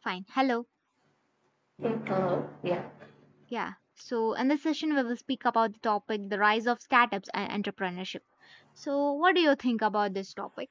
Fine. Hello. Hello. Yeah. Yeah. So, in this session, we will speak about the topic the rise of startups and entrepreneurship. So, what do you think about this topic?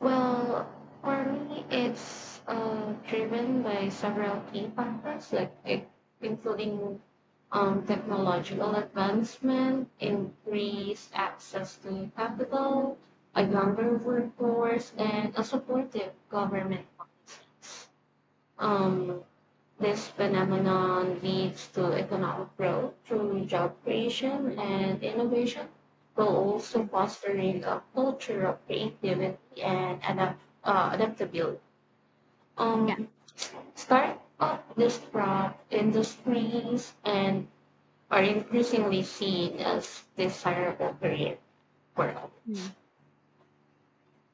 Well, for me, it's driven by several key factors, including technological advancement, increased access to capital, a younger workforce, and a supportive government policies. Um, This Mm. phenomenon leads to economic growth through job creation and innovation, while also Mm. fostering a culture of creativity and adaptability. Yeah. Um, Startup disrupt industries and are increasingly seen as desirable career for others. Mm.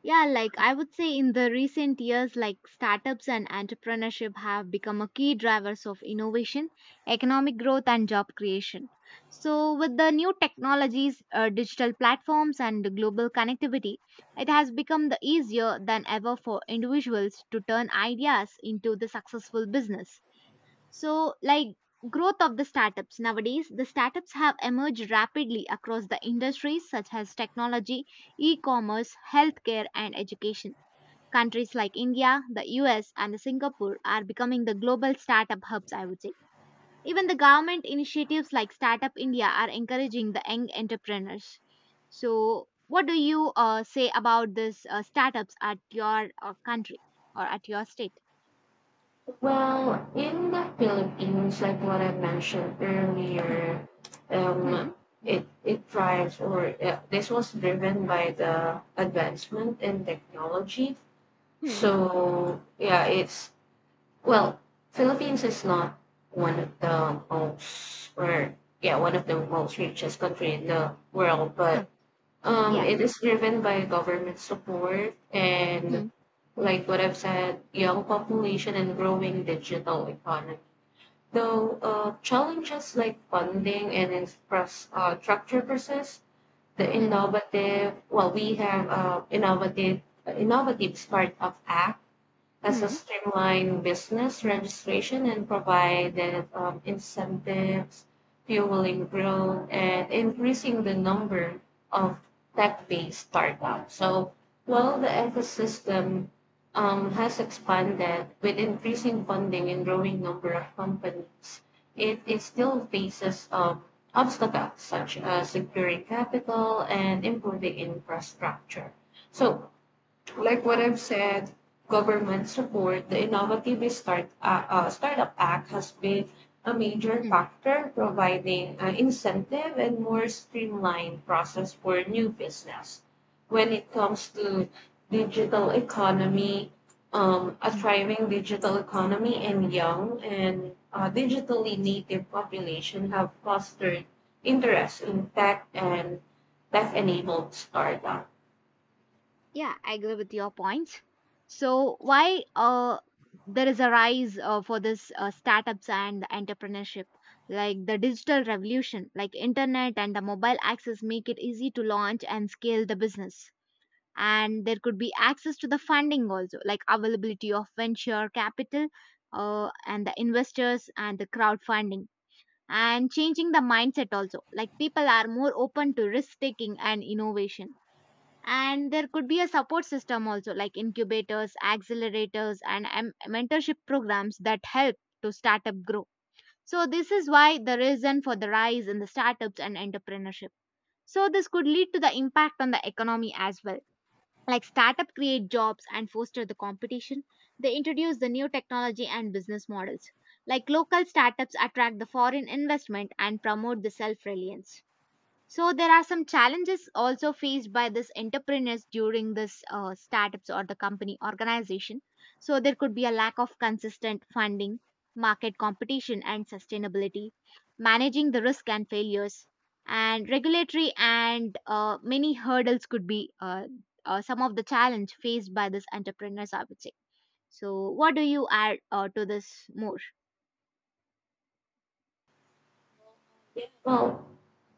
Yeah, like I would say in the recent years, like startups and entrepreneurship have become a key drivers of innovation, economic growth, and job creation. So, with the new technologies, digital platforms, and global connectivity, it has become the easier than ever for individuals to turn ideas into the successful business. So, like growth of the startups nowadays, the startups have emerged rapidly across the industries such as technology, e-commerce, healthcare, and education. Countries like India, the US, and the Singapore are becoming the global startup hubs, I would say. Even the government initiatives like Startup India are encouraging the young entrepreneurs. So, what do you say about this startups at your country or at your state? Well, in the Philippines, like what I mentioned Hmm. earlier, um, Hmm. it drives or this was driven by the advancement in technology. Hmm. So yeah, it's well, Philippines is not one of the most or yeah one of the most richest country in the world, Huh. but Yeah. it is driven by government support and Hmm. like what I've said, young population and growing digital economy. Though challenges like funding and infrastructure persist, the Hmm. innovative, well, we have innovative, innovative Startup Act as a Mm, streamline business registration and provided incentives, fueling growth, and increasing the number of tech-based startups. So while the ecosystem has expanded with increasing funding and growing number of companies, it still faces obstacles such as securing capital and improving infrastructure. So like what huh, I've said, government support, the Startup Act has been a major mm, factor providing an incentive and more streamlined process for new business. When it comes to digital economy, a mm. thriving digital economy and young and digitally native population have fostered interest in tech and tech-enabled startup. Yeah, I agree with your points. So why there is a rise for this startups and the entrepreneurship, like the digital revolution like internet and the mobile access make it easy to launch and scale the business, and there could be access to the funding also, like availability of venture capital, and the investors and the crowdfunding, and changing the mindset also, like people are more open to risk taking and innovation, and there could be a support system also like incubators, accelerators, and mentorship programs that help to startup grow. So this is why the reason for the rise in the startups and entrepreneurship. So this could lead to the impact on the economy as well, like startup create jobs and foster the competition. They introduce the new technology and business models, like local startups attract the foreign investment and promote the self reliance. So there are some challenges also faced by this entrepreneurs during this startups or the company organization. So there could be a lack of consistent funding, market competition and sustainability, managing the risk and failures, and regulatory and many hurdles could be some of the challenge faced by this entrepreneurs, I would say. So what do you add to this more? Yeah. Well,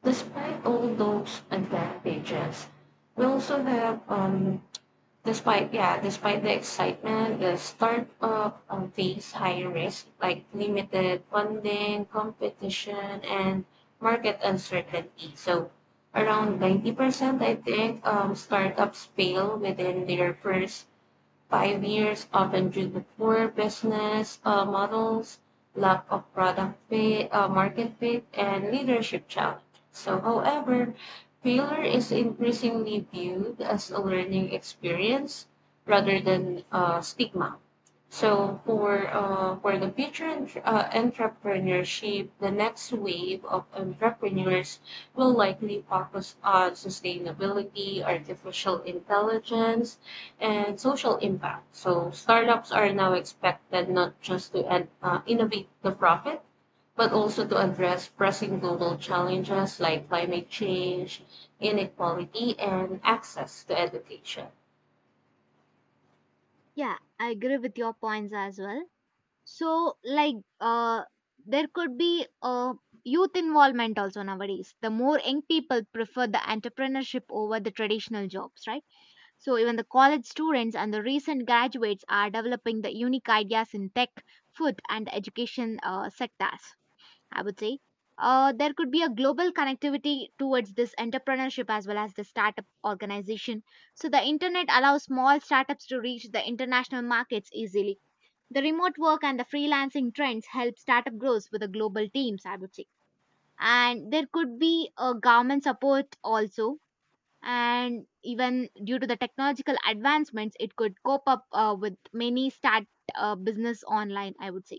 despite all those advantages, we also have despite the excitement, the startup face higher risk like limited funding, competition, and market uncertainty. So around 90%, I think startups fail within their first pioneers often due to poor business models, lack of product fit, market fit, and leadership challenge. So, however, failure is increasingly viewed as a learning experience rather than stigma. So for the future entrepreneurship, the next wave of entrepreneurs will likely focus on sustainability, artificial intelligence, and social impact. So startups are now expected not just to innovate the profit, but also to address pressing global challenges like climate change, inequality, and access to education. Yeah, I agree with your points as well. So, like, there could be youth involvement also nowadays. The more young people prefer the entrepreneurship over the traditional jobs, right? So, even the college students and the recent graduates are developing the unique ideas in tech, food, and education sectors, I would say. There could be a global connectivity towards this entrepreneurship as well as the startup organization. So, the internet allows small startups to reach the international markets easily, the remote work and the freelancing trends help startup growth with the global teams, I would say. And there could be a government support also. And even due to the technological advancements, it could cope up with many start business online, I would say.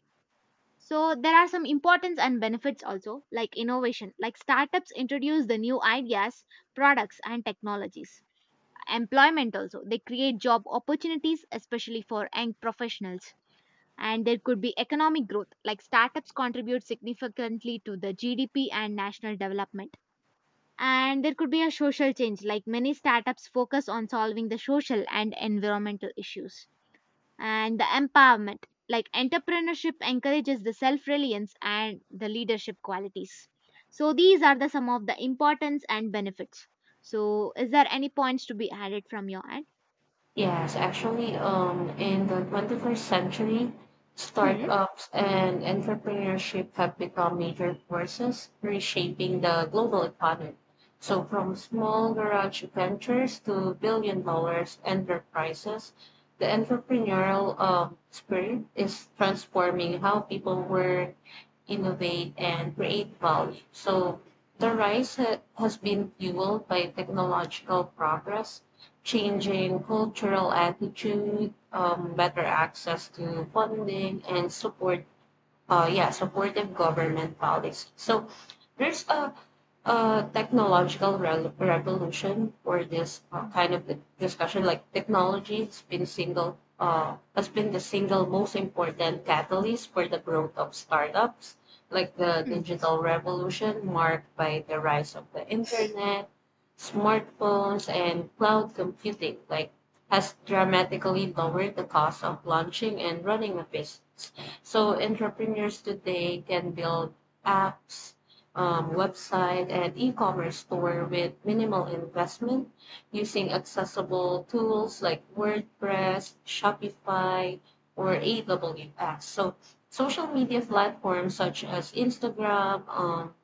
So there are some importance and benefits also, like innovation, like startups introduce the new ideas, products, and technologies. Employment also, they create job opportunities especially for young professionals. And there could be economic growth, like startups contribute significantly to the GDP and national development. And there could be a social change, like many startups focus on solving the social and environmental issues. And the empowerment, like entrepreneurship encourages the self-reliance and the leadership qualities. So these are the some of the importance and benefits. So is there any points to be added from your end? Yes, actually, in the 21st century, Hmm, startups and entrepreneurship have become major forces reshaping the global economy. So, from small garage ventures to billion dollars enterprises, the entrepreneurial spirit is transforming how people work, innovate, and create value. So the rise has been fueled by technological progress, hmm. changing cultural attitude, better access to funding, and support. Yeah, supportive government policy. So there's a technological rel revolution for this kind of discussion. Like technology has been single has been the single most important catalyst for the growth of startups. Like the Hmm. digital revolution marked by the rise of the internet, smartphones, and cloud computing, like has dramatically lowered the cost of launching and running a business. So entrepreneurs today can build apps website and e-commerce store with minimal investment using accessible tools like WordPress, Shopify, or AWS. So social media platforms such as Instagram,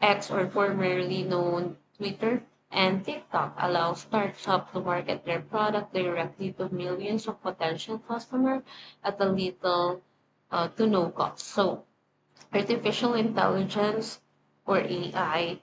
X or formerly known Twitter, and TikTok allow startups to market their product directly to millions of potential customers at a little to no cost. So artificial intelligence or AI,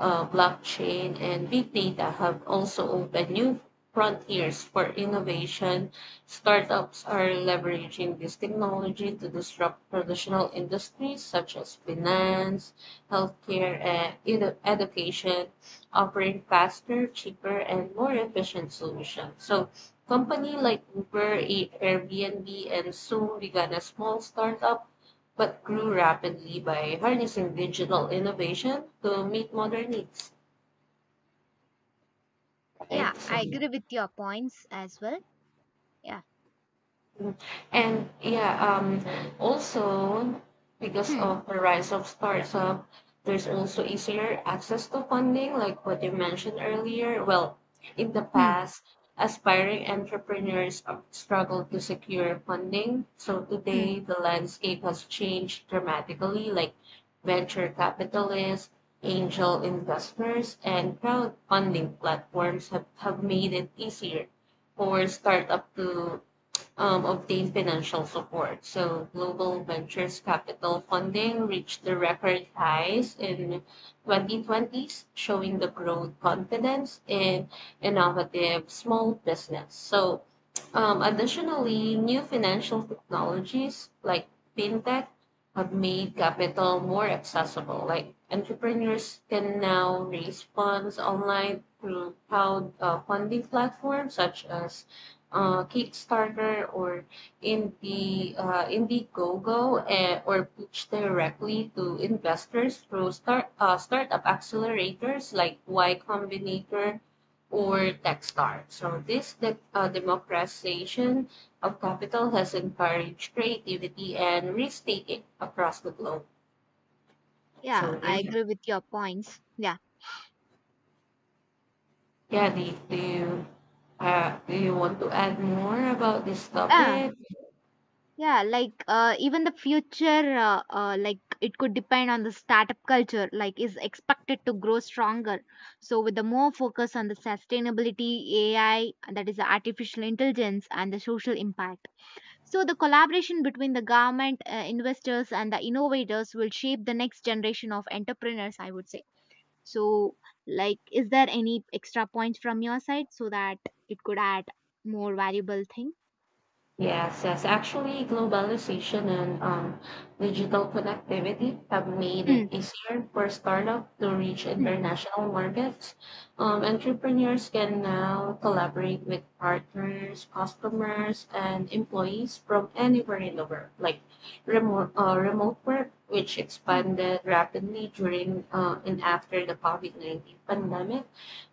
blockchain, and big data have also opened new frontiers for innovation. Startups are leveraging this technology to disrupt traditional industries such as finance, healthcare, and education, offering faster, cheaper, and more efficient solutions. So, company like Uber, Airbnb, and soon began a small startup but grew rapidly by harnessing digital innovation to meet modern needs, Yeah, right? So, I yeah. agree with your points as well. Yeah. Mm. And yeah, also because Hmm. of the rise of startup, there's also easier access to funding, like what you mentioned earlier. Well, in the Hmm. past, aspiring entrepreneurs have struggled to secure funding. So Hmm. today, the landscape has changed dramatically, like venture capitalists, angel investors, and crowdfunding platforms have made it easier for startup to obtain financial support. So global ventures capital funding reached the record highs in 2020s, showing the growth confidence in innovative small business. So additionally, new financial technologies like fintech have made capital more accessible. Like entrepreneurs can now raise funds online through crowd funding platforms such as Kickstarter or Indiegogo, or pitch directly to investors through startup accelerators like Y Combinator or Techstar. So this democratization of capital has encouraged creativity and risk-taking across the globe. Yeah, So I yeah, agree with your points. Yeah. yeah. Do you want to add more about this Yeah. topic? Yeah, like even the future, like it could depend on the startup culture, like is expected to grow stronger. So with the more focus on the sustainability, AI, that is the artificial intelligence and the social impact. So the collaboration between the government, investors, and the innovators will shape the next generation of entrepreneurs, I would say. So, like, is there any extra point from your side so that it could add more valuable thing? Yes, yes. Actually, globalization and digital connectivity have made it Hmm. easier for startups to reach Hmm. international markets. Entrepreneurs can now collaborate with partners, customers, and employees from anywhere in the world, like remote work, which Hmm. expanded rapidly during and after the COVID-19 pandemic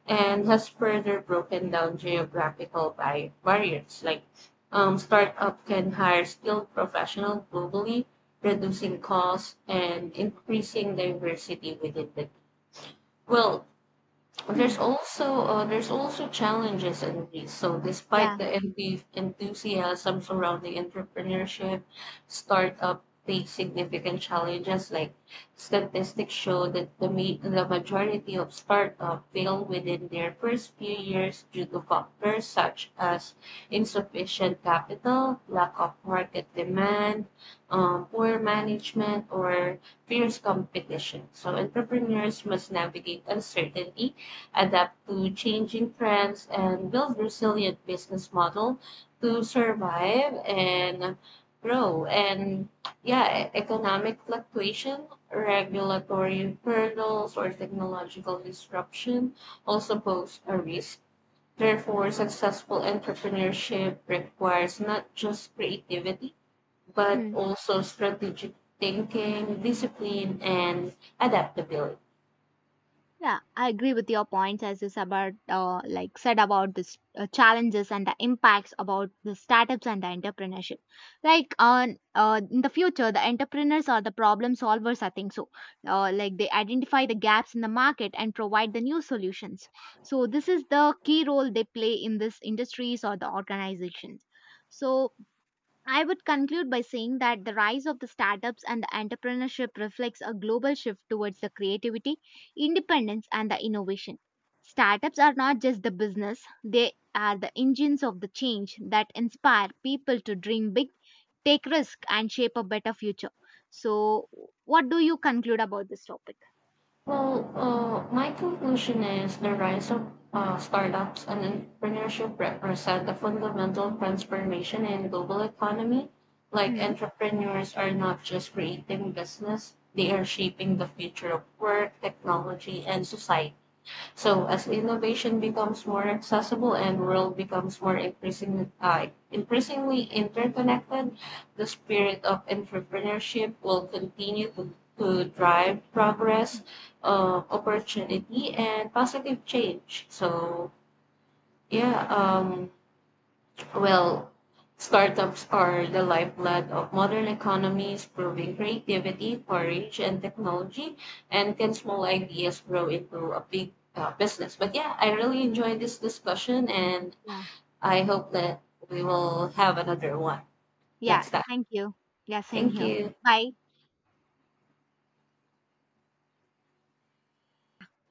and has further broken down geographical barriers. Like startup can hire skilled professionals globally, reducing costs and increasing diversity within the. Well, Hmm. There's also challenges in this. So despite Yeah. the enthusiasm surrounding entrepreneurship, startup face significant challenges. Like statistics show that the majority of startup fail within their first few years due to factors such as insufficient capital, lack of market demand, poor management, or fierce competition. So entrepreneurs must navigate uncertainty adapt to changing trends, and build resilient business model to Hmm. survive and grow. And yeah, economic fluctuation, regulatory hurdles, or technological disruption also pose a risk. Therefore, successful entrepreneurship requires not just creativity, but Hmm. also strategic thinking, discipline, and adaptability. Yeah, I agree with your points as is about like said about this challenges and the impacts about the startups and the entrepreneurship. Like on in the future, the entrepreneurs or the problem solvers, I think so. Like they identify the gaps in the market and provide the new solutions. So this is the key role they play in this industries or the organizations. So I would conclude by saying that the rise of the startups and the entrepreneurship reflects a global shift towards the creativity, independence, and the innovation. Startups are not just the business, they are the engines of the change that inspire people to dream big, take risks, and shape a better future. So, what do you conclude about this topic? Well, my conclusion is the rise of startups and entrepreneurship represent a fundamental transformation in global economy. Like Mm, entrepreneurs are not just creating business; they are shaping the future of work, technology, and society. So as innovation becomes more accessible and world becomes more increasingly interconnected, the spirit of entrepreneurship will continue to drive progress, opportunity, and positive change. So yeah, well, startups are the lifeblood of modern economies, proving creativity, courage, and technology. And can yeah, small ideas grow into a big business? But yeah, I really enjoyed this discussion, and yeah. I hope that we will have another one Yeah, next time. thank you. Yeah, same Thank here. you. Bye.